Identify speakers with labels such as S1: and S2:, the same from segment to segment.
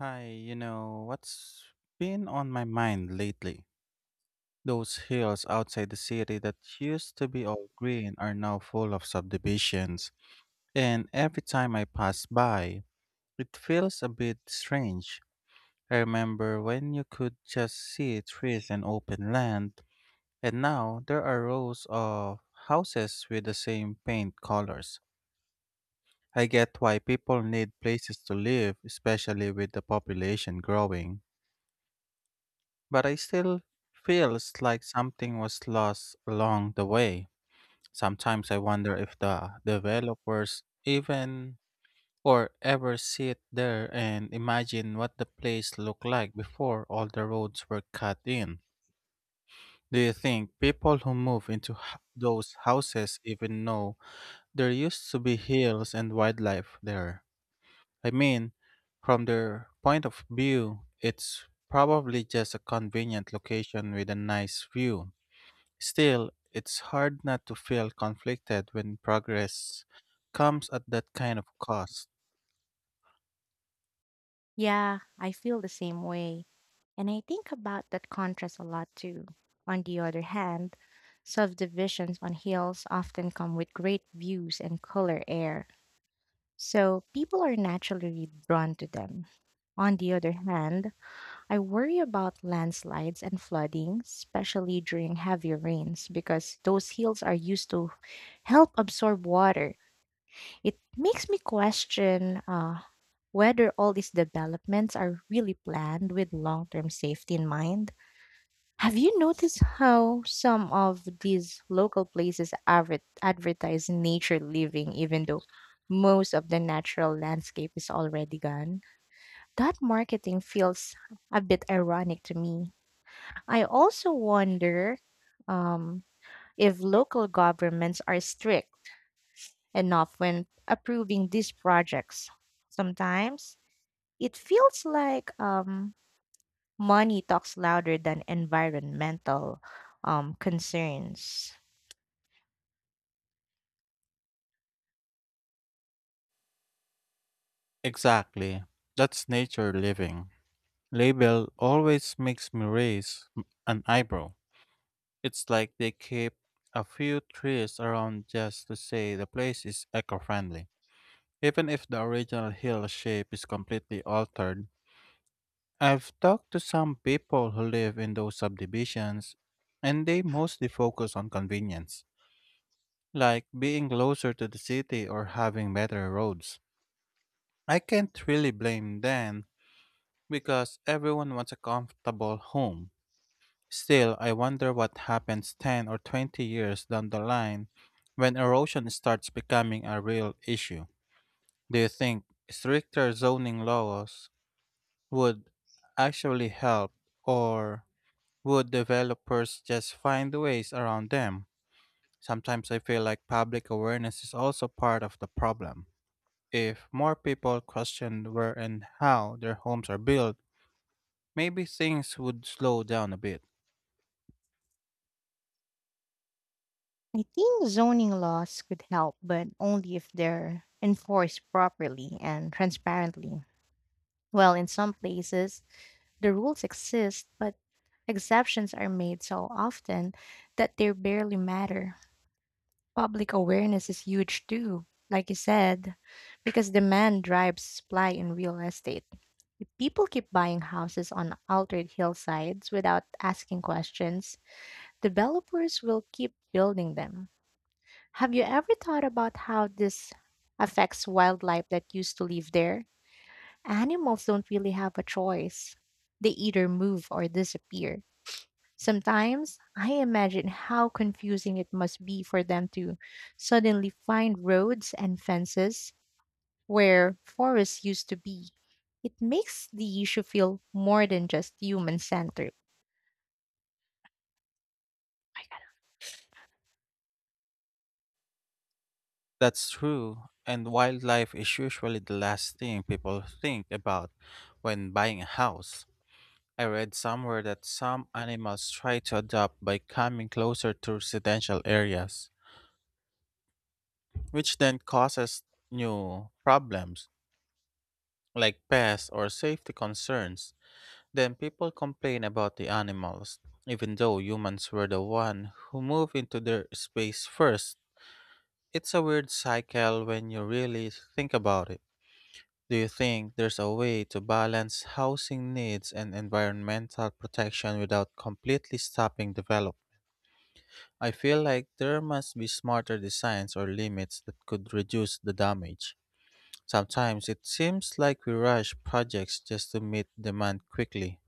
S1: Hi, you know, what's been on my mind lately? Those hills outside the city that used to be all green are now full of subdivisions, and every time I pass by, it feels a bit strange. I remember when you could just see trees and open land, and now there are rows of houses with the same paint colors. I get why people need places to live, especially with the population growing, but I still feels like something was lost along the way. Sometimes I wonder if the developers even or ever sit there and imagine what the place looked like before all the roads were cut in. Do you think people who move into those houses even know there used to be hills and wildlife there? I mean, from their point of view, it's probably just a convenient location with a nice view. Still, it's hard not to feel conflicted when progress comes at that kind of cost.
S2: Yeah, I feel the same way. And I think about that contrast a lot too. On the other hand, subdivisions on hills often come with great views and cooler air, so people are naturally drawn to them. On the other hand, I worry about landslides and flooding, especially during heavy rains, because those hills are used to help absorb water. It makes me question, whether all these developments are really planned with long term safety in mind. Have you noticed how some of these local places advertise nature living, even though most of the natural landscape is already gone? That marketing feels a bit ironic to me. I also wonder, um, if local governments are strict enough when approving these projects. Sometimes it feels like, money talks louder than environmental, concerns.
S1: Exactly. That's nature living. Label always makes me raise an eyebrow. It's like they keep a few trees around just to say the place is eco friendly, even if the original hill shape is completely altered. I've talked to some people who live in those subdivisions, and they mostly focus on convenience, like being closer to the city or having better roads. I can't really blame them because everyone wants a comfortable home. Still, I wonder what happens 10 or 20 years down the line when erosion starts becoming a real issue. Do you think stricter zoning laws would actually help, or would developers just find ways around them? Sometimes I feel like public awareness is also part of the problem. If more people questioned where and how their homes are built, maybe things would slow down a bit.
S2: I think zoning laws could help, but only if they're enforced properly and transparently. Well, in some places, the rules exist, but exceptions are made so often that they barely matter. Public awareness is huge too, like you said, because demand drives supply in real estate. If people keep buying houses on altered hillsides without asking questions, developers will keep building them. Have you ever thought about how this affects wildlife that used to live there? Animals don't really have a choice. They either move or disappear. Sometimes I imagine how confusing it must be for them to suddenly find roads and fences where forests used to be. It makes the issue feel more than just human centered.
S1: That's true, and wildlife is usually the last thing people think about when buying a house. I read somewhere that some animals try to adapt by coming closer to residential areas, which then causes new problems like pests or safety concerns. Then people complain about the animals, even though humans were the one who moved into their space first. It's a weird cycle when you really think about it. Do you think there's a way to balance housing needs and environmental protection without completely stopping development? I feel like there must be smarter designs or limits that could reduce the damage. Sometimes it seems like we rush projects just to meet demand quickly.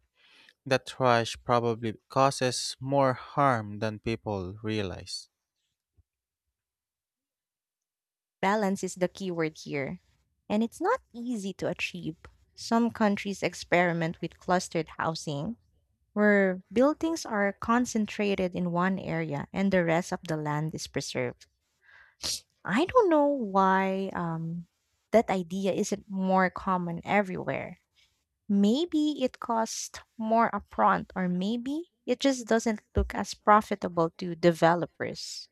S1: That rush probably causes more harm than people realize.
S2: Balance is the key word here, and it's not easy to achieve. Some countries experiment with clustered housing, where buildings are concentrated in one area and the rest of the land is preserved. I don't know why, that idea isn't more common everywhere. Maybe it costs more upfront, or maybe it just doesn't look as profitable to developers.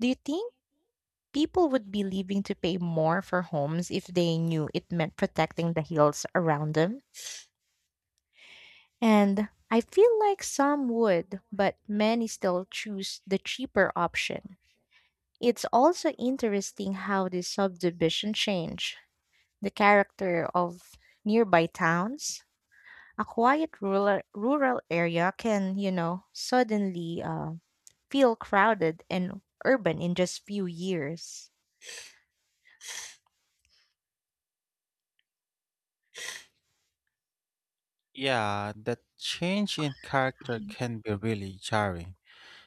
S2: Do you think people would be leaving to pay more for homes if they knew it meant protecting the hills around them? And I feel like some would, but many still choose the cheaper option. It's also interesting how the subdivision change. The character of nearby towns. A quiet rural area can, you know, suddenly feel crowded and urban in just few years.
S1: Yeah, that change in character can be really jarring,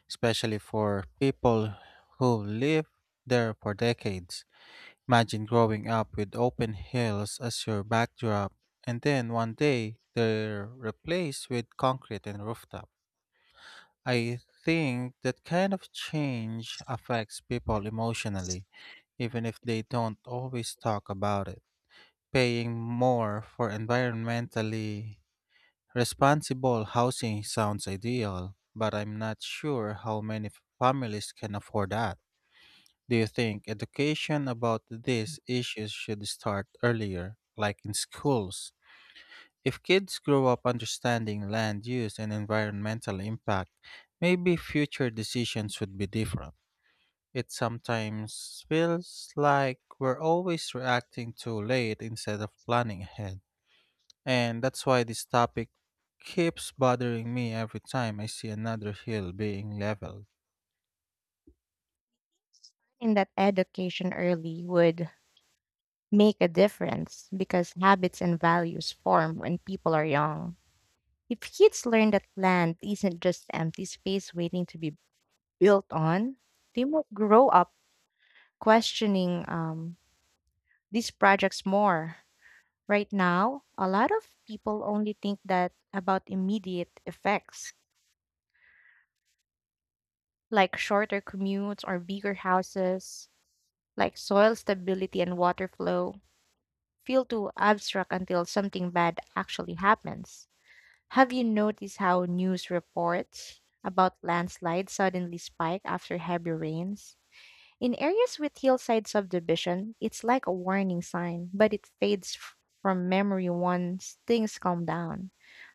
S1: especially for people who live there for decades. Imagine growing up with open hills as your backdrop, and then one day they're replaced with concrete and rooftop. I think that kind of change affects people emotionally, even if they don't always talk about it. Paying more for environmentally responsible housing sounds ideal, but I'm not sure how many families can afford that. Do you think education about these issues should start earlier, like in schools? If kids grow up understanding land use and environmental impact, maybe future decisions would be different. It sometimes feels like we're always reacting too late instead of planning ahead. And that's why this topic keeps bothering me every time I see another hill being leveled.
S2: I that education early would make a difference because habits and values form when people are young. If kids learn that land isn't just empty space waiting to be built on, they might grow up questioning, these projects more. Right now, a lot of people only think that about immediate effects, like shorter commutes or bigger houses, like soil stability and water flow, feel too abstract until something bad actually happens. Have you noticed how news reports about landslides suddenly spike after heavy rains? In areas with hillside subdivision, it's like a warning sign, but it fades from memory once things calm down.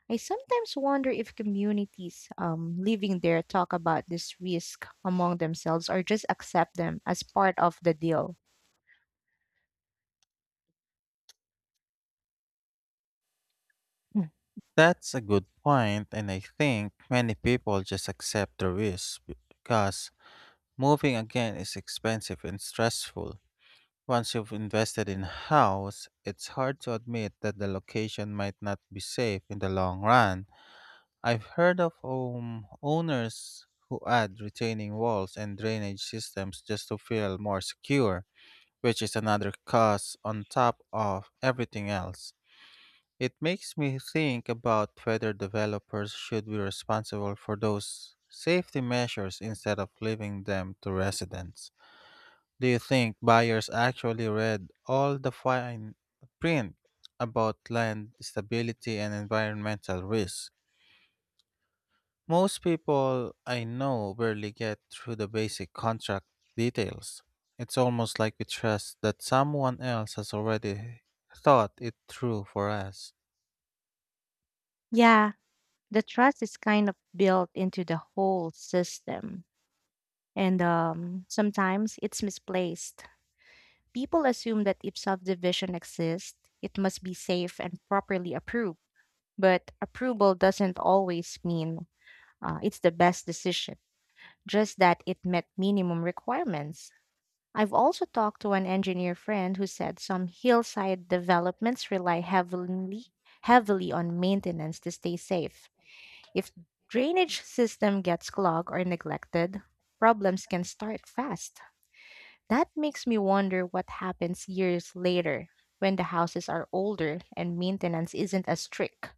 S2: I sometimes wonder if communities, living there talk about this risk among themselves or just accept them as part of the deal. Mm.
S1: That's a good point, and I think many people just accept the risk because moving again is expensive and stressful. Once you've invested in a house, it's hard to admit that the location might not be safe in the long run. I've heard of home owners who add retaining walls and drainage systems just to feel more secure, which is another cost on top of everything else. It makes me think about whether developers should be responsible for those safety measures instead of leaving them to residents. Do you think buyers actually read all the fine print about land stability and environmental risks? Most people I know barely get through the basic contract details. It's almost like we trust that someone else has already thought it through for us.
S2: Yeah, the trust is kind of built into the whole system. And, sometimes it's misplaced. People assume that if subdivision exists, it must be safe and properly approved. But approval doesn't always mean, it's the best decision, just that it met minimum requirements. I've also talked to an engineer friend who said some hillside developments rely heavily on maintenance to stay safe. If drainage system gets clogged or neglected, problems can start fast. That makes me wonder what happens years later when the houses are older and maintenance isn't as strict.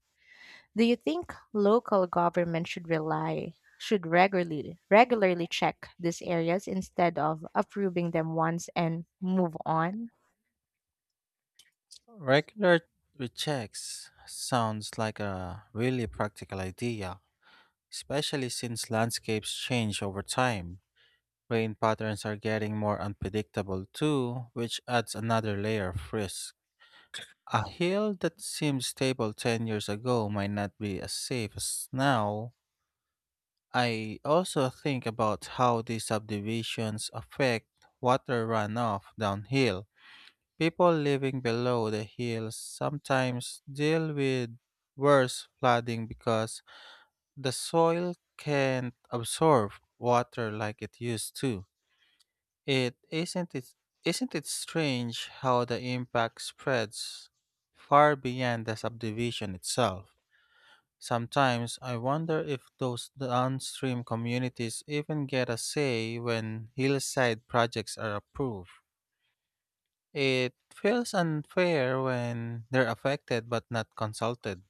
S2: Do you think local government should regularly check these areas instead of approving them once and move on?
S1: Regular rechecks sounds like a really practical idea, especially since landscapes change over time. Rain patterns are getting more unpredictable too, which adds another layer of risk. A hill that seemed stable 10 years ago might not be as safe as now. I also think about how these subdivisions affect water runoff downhill. People living below the hills sometimes deal with worse flooding because the soil can't absorb water like it used to. It isn't it isn't it strange how the impact spreads far beyond the subdivision itself? Sometimes I wonder if those downstream communities even get a say when hillside projects are approved. It feels unfair when they're affected but not consulted.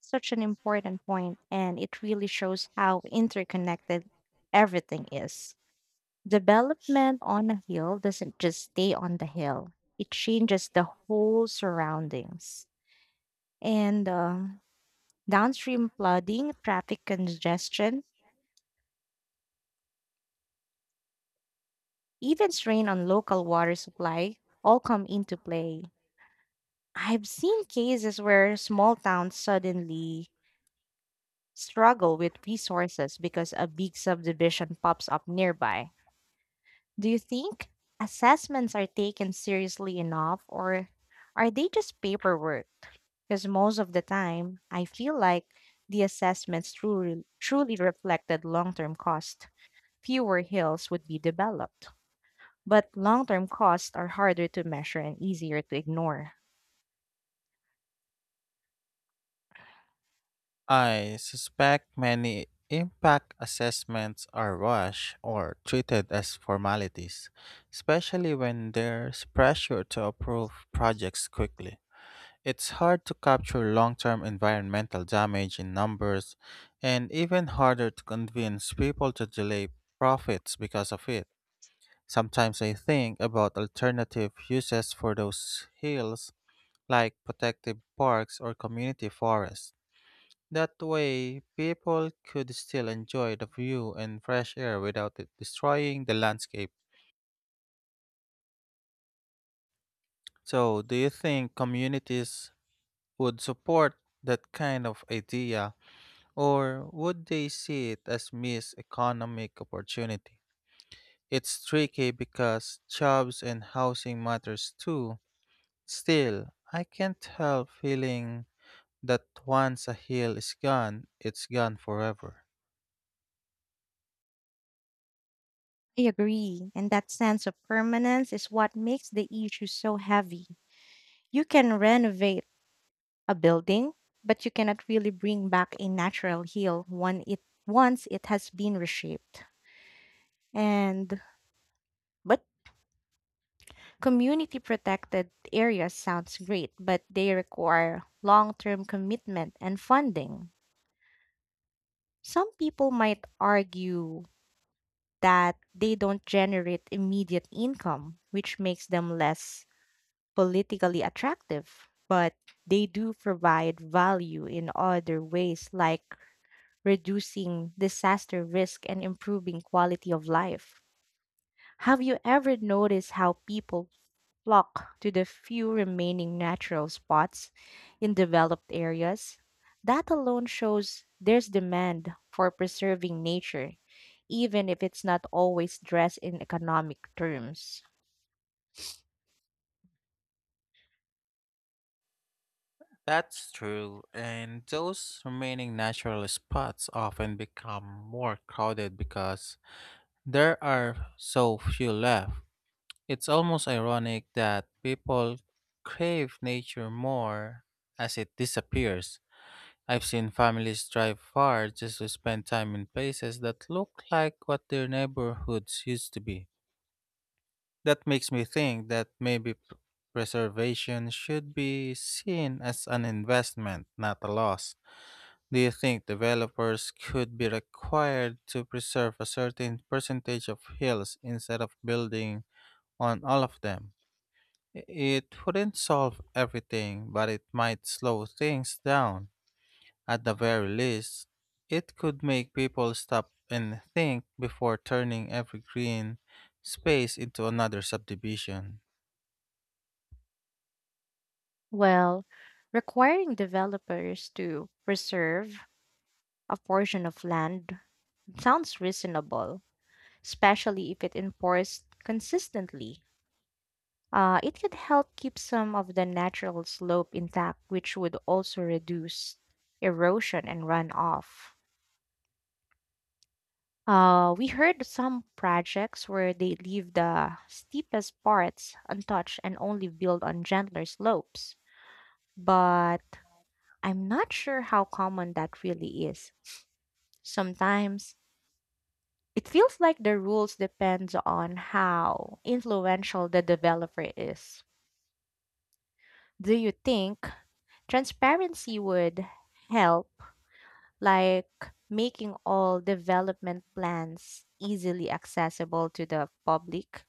S2: Such an important point, and it really shows how interconnected everything is. Development on a hill doesn't just stay on the hill, it changes the whole surroundings. And, downstream flooding, traffic congestion, even strain on local water supply all come into play. I've seen cases where small towns suddenly struggle with resources because a big subdivision pops up nearby. Do you think assessments are taken seriously enough or are they just paperwork? Because most of the time, I feel like the assessments truly, truly reflected long term cost. Fewer hills would be developed. But long term costs are harder to measure and easier to ignore.
S1: I suspect many impact assessments are rushed or treated as formalities, especially when there's pressure to approve projects quickly. It's hard to capture long term environmental damage in numbers, and even harder to convince people to delay profits because of it. Sometimes I think about alternative uses for those hills, like protective parks or community forests. That way, people could still enjoy the view and fresh air without it destroying the landscape. So, do you think communities would support that kind of idea, or would they see it as missed economic opportunity? It's tricky because jobs and housing matters too. Still, I can't help feeling that once a hill is gone, it's gone forever.
S2: I agree. And that sense of permanence is what makes the issue so heavy. You can renovate a building, but you cannot really bring back a natural heel when it once it has been reshaped. And but community protected areas sounds great, but they require long-term commitment and funding. Some people might argue that they don't generate immediate income, which makes them less politically attractive. But they do provide value in other ways, like reducing disaster risk and improving quality of life. Have you ever noticed how people flock to the few remaining natural spots in developed areas, that alone shows there's demand for preserving nature, even if it's not always dressed in economic terms.
S1: That's true, and those remaining natural spots often become more crowded because there are so few left. It's almost ironic that people crave nature more as it disappears. I've seen families drive far just to spend time in places that look like what their neighborhoods used to be. That makes me think that maybe preservation should be seen as an investment, not a loss. Do you think developers could be required to preserve a certain percentage of hills instead of building on all of them? It wouldn't solve everything, but it might slow things down. At the very least, it could make people stop and think before turning every green space into another subdivision.
S2: Well, requiring developers to preserve a portion of land sounds reasonable, especially if it enforced consistently. It could help keep some of the natural slope intact, which would also reduce erosion and runoff. We heard some projects where they leave the steepest parts untouched and only build on gentler slopes, but I'm not sure how common that really is. Sometimes it feels like the rules depends on how influential the developer is. Do you think transparency would help, like making all development plans easily accessible to the public.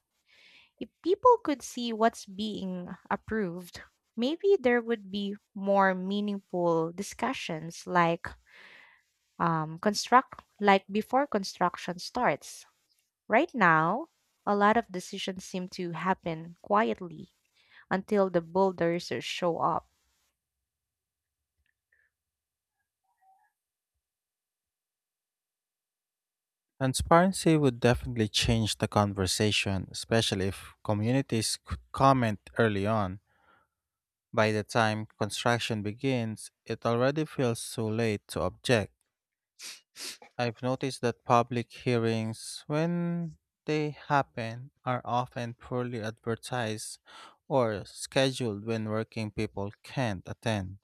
S2: If people could see what's being approved, maybe there would be more meaningful discussions like, construct like before construction starts. Right now, a lot of decisions seem to happen quietly until the bulldozers show up.
S1: Transparency would definitely change the conversation, especially if communities could comment early on. By the time construction begins, it already feels too late to object. I've noticed that public hearings, when they happen, are often poorly advertised or scheduled when working people can't attend.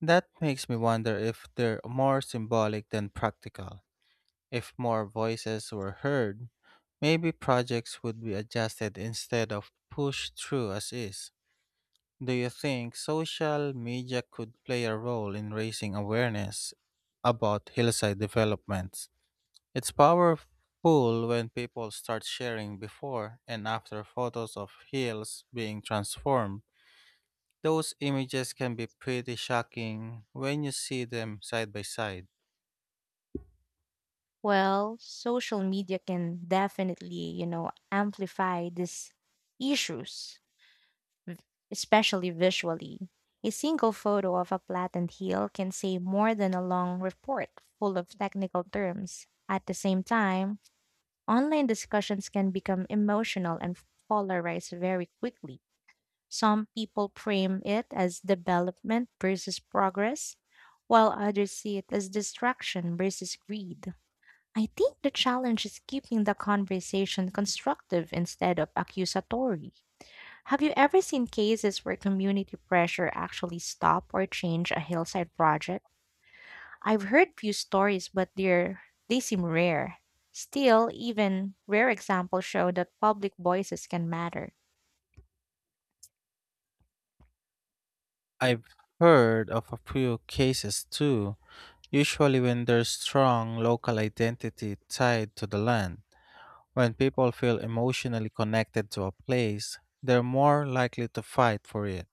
S1: That makes me wonder if they're more symbolic than practical. If more voices were heard, maybe projects would be adjusted instead of pushed through as is. Do you think social media could play a role in raising awareness about hillside developments? It's powerful when people start sharing before and after photos of hills being transformed. Those images can be pretty shocking when you see them side by side.
S2: Well, social media can definitely, you know, amplify these issues, especially visually. A single photo of a flattened heel can say more than a long report full of technical terms. At the same time, online discussions can become emotional and polarized very quickly. Some people frame it as development versus progress, while others see it as distraction versus greed. I think the challenge is keeping the conversation constructive instead of accusatory. Have you ever seen cases where community pressure actually stopped or changed a hillside project? I've heard few stories, but they seem rare. Still, even rare examples show that public voices can matter.
S1: I've heard of a few cases too, usually when there's strong local identity tied to the land. When people feel emotionally connected to a place, they're more likely to fight for it.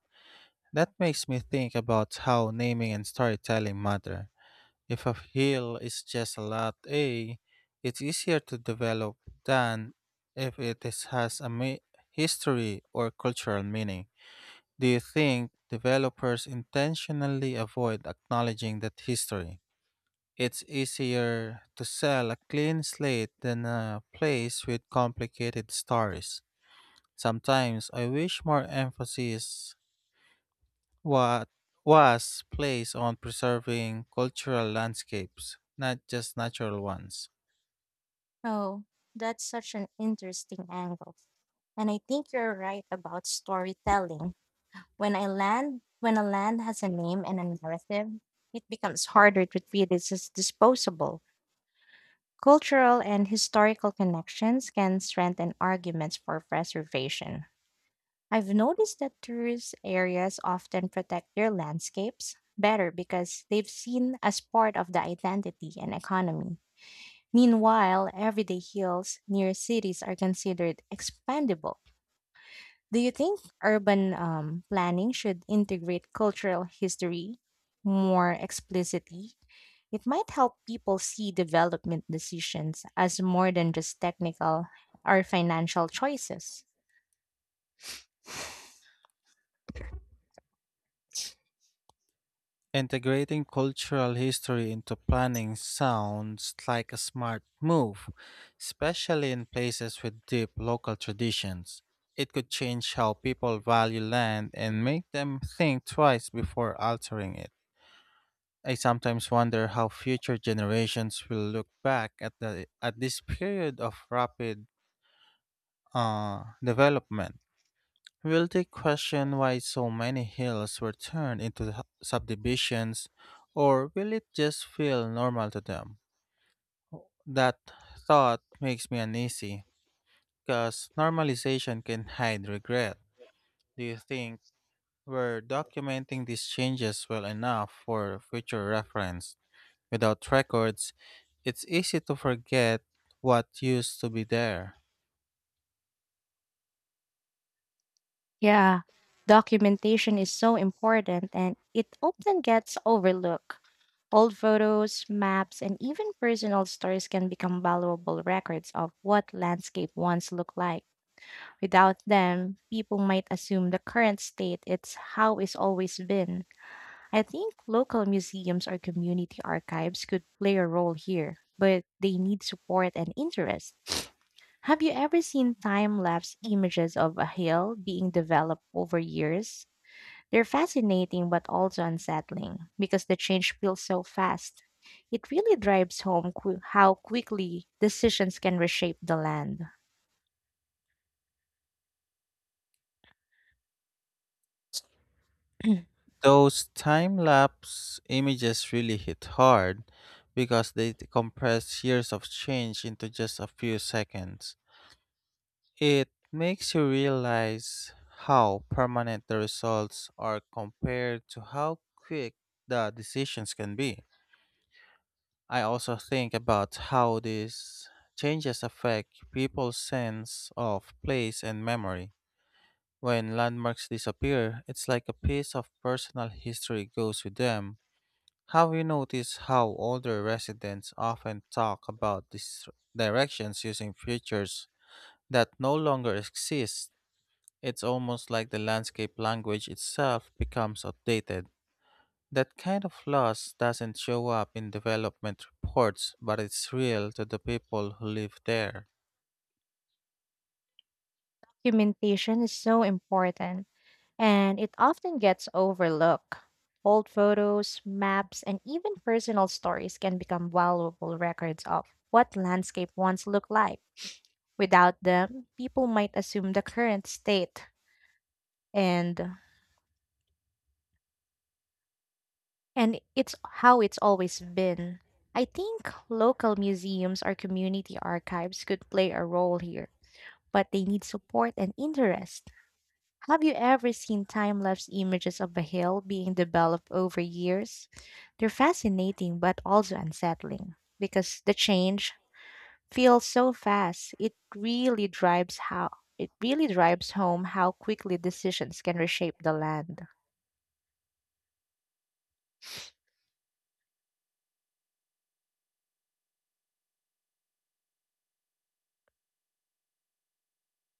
S1: That makes me think about how naming and storytelling matter. If a hill is just a lot A, it's easier to develop than if it is, has a history or cultural meaning. Do you think developers intentionally avoid acknowledging that history? It's easier to sell a clean slate than a place with complicated stories. Sometimes I wish more emphasis what was placed on preserving cultural landscapes, not just natural ones.
S2: Oh, that's such an interesting angle. And I think you're right about storytelling. When a land has a name and a narrative, it becomes harder to treat it as disposable. Cultural and historical connections can strengthen arguments for preservation. I've noticed that tourist areas often protect their landscapes better because they've seen as part of the identity and economy. Meanwhile, everyday hills near cities are considered expandable. Do you think urban, planning should integrate cultural history more explicitly? It might help people see development decisions as more than just technical or financial choices.
S1: Integrating cultural history into planning sounds like a smart move, especially in places with deep local traditions. It could change how people value land and make them think twice before altering it. I sometimes wonder how future generations will look back at the at this period of rapid development. Will they question why so many hills were turned into subdivisions, or will it just feel normal to them? That thought makes me uneasy, because normalization can hide regret. Do you think we're documenting these changes well enough for future reference? Without records, it's easy to forget what used to be there.
S2: Yeah, documentation is so important and it often gets overlooked. Old photos, maps, and even personal stories can become valuable records of what landscape once looked like. Without them, people might assume the current state it's how it's always been. I think local museums or community archives could play a role here, but they need support and interest. Have you ever seen time lapse images of a hill being developed over years? They're fascinating but also unsettling because the change feels so fast. It really drives home how quickly decisions can reshape the land.
S1: Those time lapse images really hit hard because they compress years of change into just a few seconds. It makes you realize how permanent the results are compared to how quick the decisions can be. I also think about how these changes affect people's sense of place and memory. When landmarks disappear, it's like a piece of personal history goes with them. Have you noticed how older residents often talk about these directions using features that no longer exist? It's almost like the landscape language itself becomes outdated. That kind of loss doesn't show up in development reports, but it's real to the people who live there.
S2: Documentation is so important and it often gets overlooked. Old photos, maps, and even personal stories can become valuable records of what landscape once looked like. Without them, people might assume the current state and and it's how it's always been. I think local museums or community archives could play a role here, but they need support and interest. Have you ever seen time lapse images of a hill being developed over years? They're fascinating but also unsettling because the change feels so fast. It really drives home how quickly decisions can reshape the land.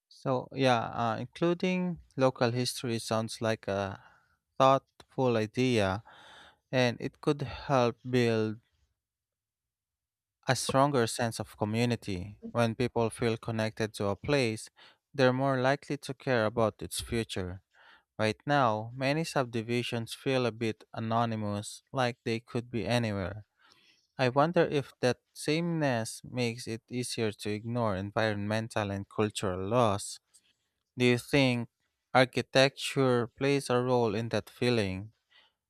S1: So, yeah, including local history sounds like a thoughtful idea, and it could help build a stronger sense of community. When people feel connected to a place, they're more likely to care about its future. Right now, many subdivisions feel a bit anonymous, like they could be anywhere. I wonder if that sameness makes it easier to ignore environmental and cultural laws. Do you think architecture plays a role in that feeling?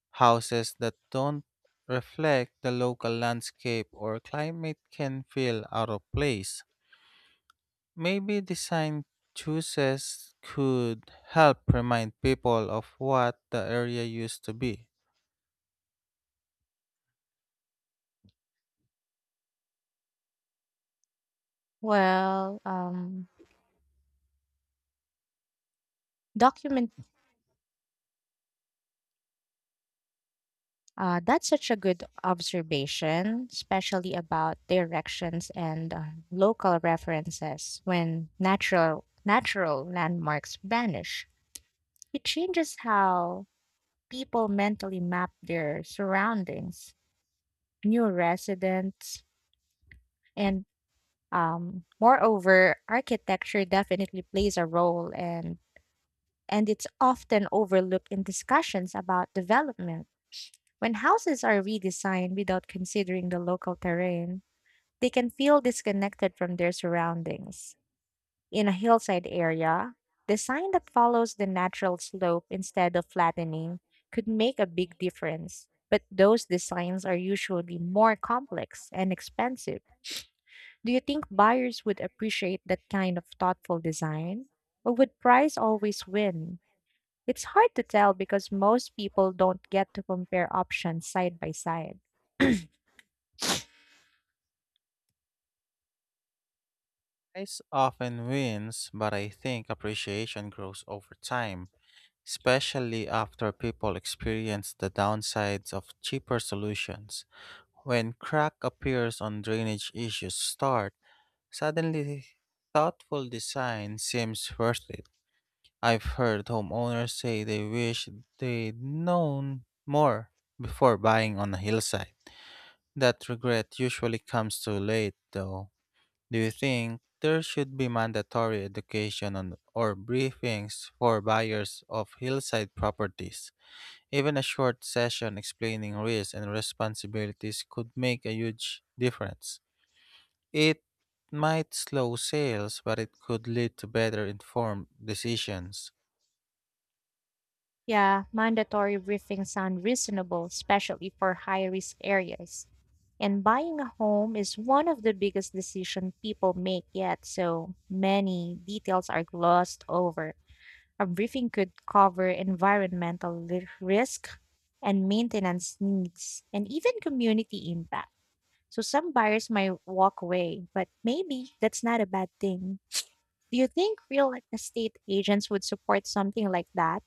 S1: Houses that don't reflect the local landscape or climate can feel out of place. Maybe design choices could help remind people of what the area used to be.
S2: Well, document That's such a good observation, especially about directions and, local references when natural landmarks vanish. It changes how people mentally map their surroundings, new residents, and, moreover, architecture definitely plays a role and it's often overlooked in discussions about development. When houses are redesigned without considering the local terrain, they can feel disconnected from their surroundings. In a hillside area, design that follows the natural slope instead of flattening could make a big difference. But those designs are usually more complex and expensive. Do you think buyers would appreciate that kind of thoughtful design? Or would price always win? It's hard to tell because most people don't get to compare options side by side.
S1: Price often wins, but I think appreciation grows over time, especially after people experience the downsides of cheaper solutions. When crack appears on drainage issues start, suddenly, thoughtful design seems worth it. I've heard homeowners say they wish they'd known more before buying on a hillside. That regret usually comes too late, though. Do you think there should be mandatory education on, or briefings for buyers of hillside properties? Even a short session explaining risks and responsibilities could make a huge difference. It might slow sales, but it could lead to better informed decisions.
S2: Yeah, mandatory briefings sound reasonable, especially for high risk areas. And buying a home is one of the biggest decisions people make yet, so many details are glossed over. A briefing could cover environmental risk and maintenance needs, and even community impact. So some buyers might walk away, but maybe that's not a bad thing. Do you think real estate agents would support something like that?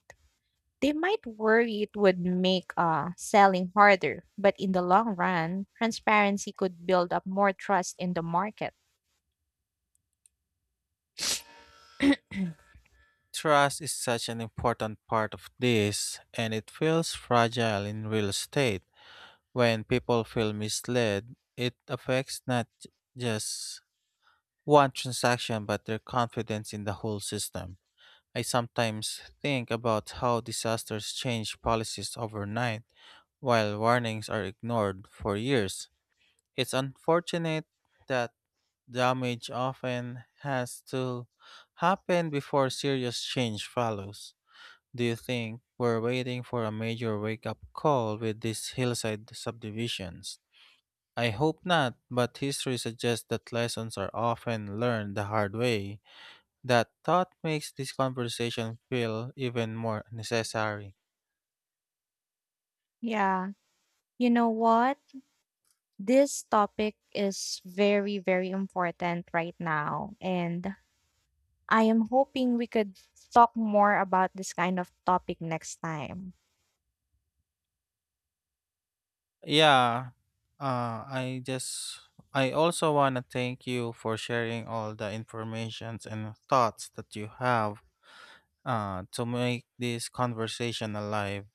S2: They might worry it would make, selling harder, but in the long run, transparency could build up more trust in the market.
S1: Trust is such an important part of this, and it feels fragile in real estate. When people feel misled, it affects not just one transaction but their confidence in the whole system. I sometimes think about how disasters change policies overnight while warnings are ignored for years. It's unfortunate that damage often has to happen before serious change follows. Do you think we're waiting for a major wake up call with these hillside subdivisions? I hope not, but history suggests that lessons are often learned the hard way. That thought makes this conversation feel even more necessary.
S2: Yeah. You know what? This topic is very, very important right now. And I am hoping we could talk more about this kind of topic next time.
S1: Yeah. Uh, I just I also want to thank you for sharing all the informations and thoughts that you have to make this conversation alive.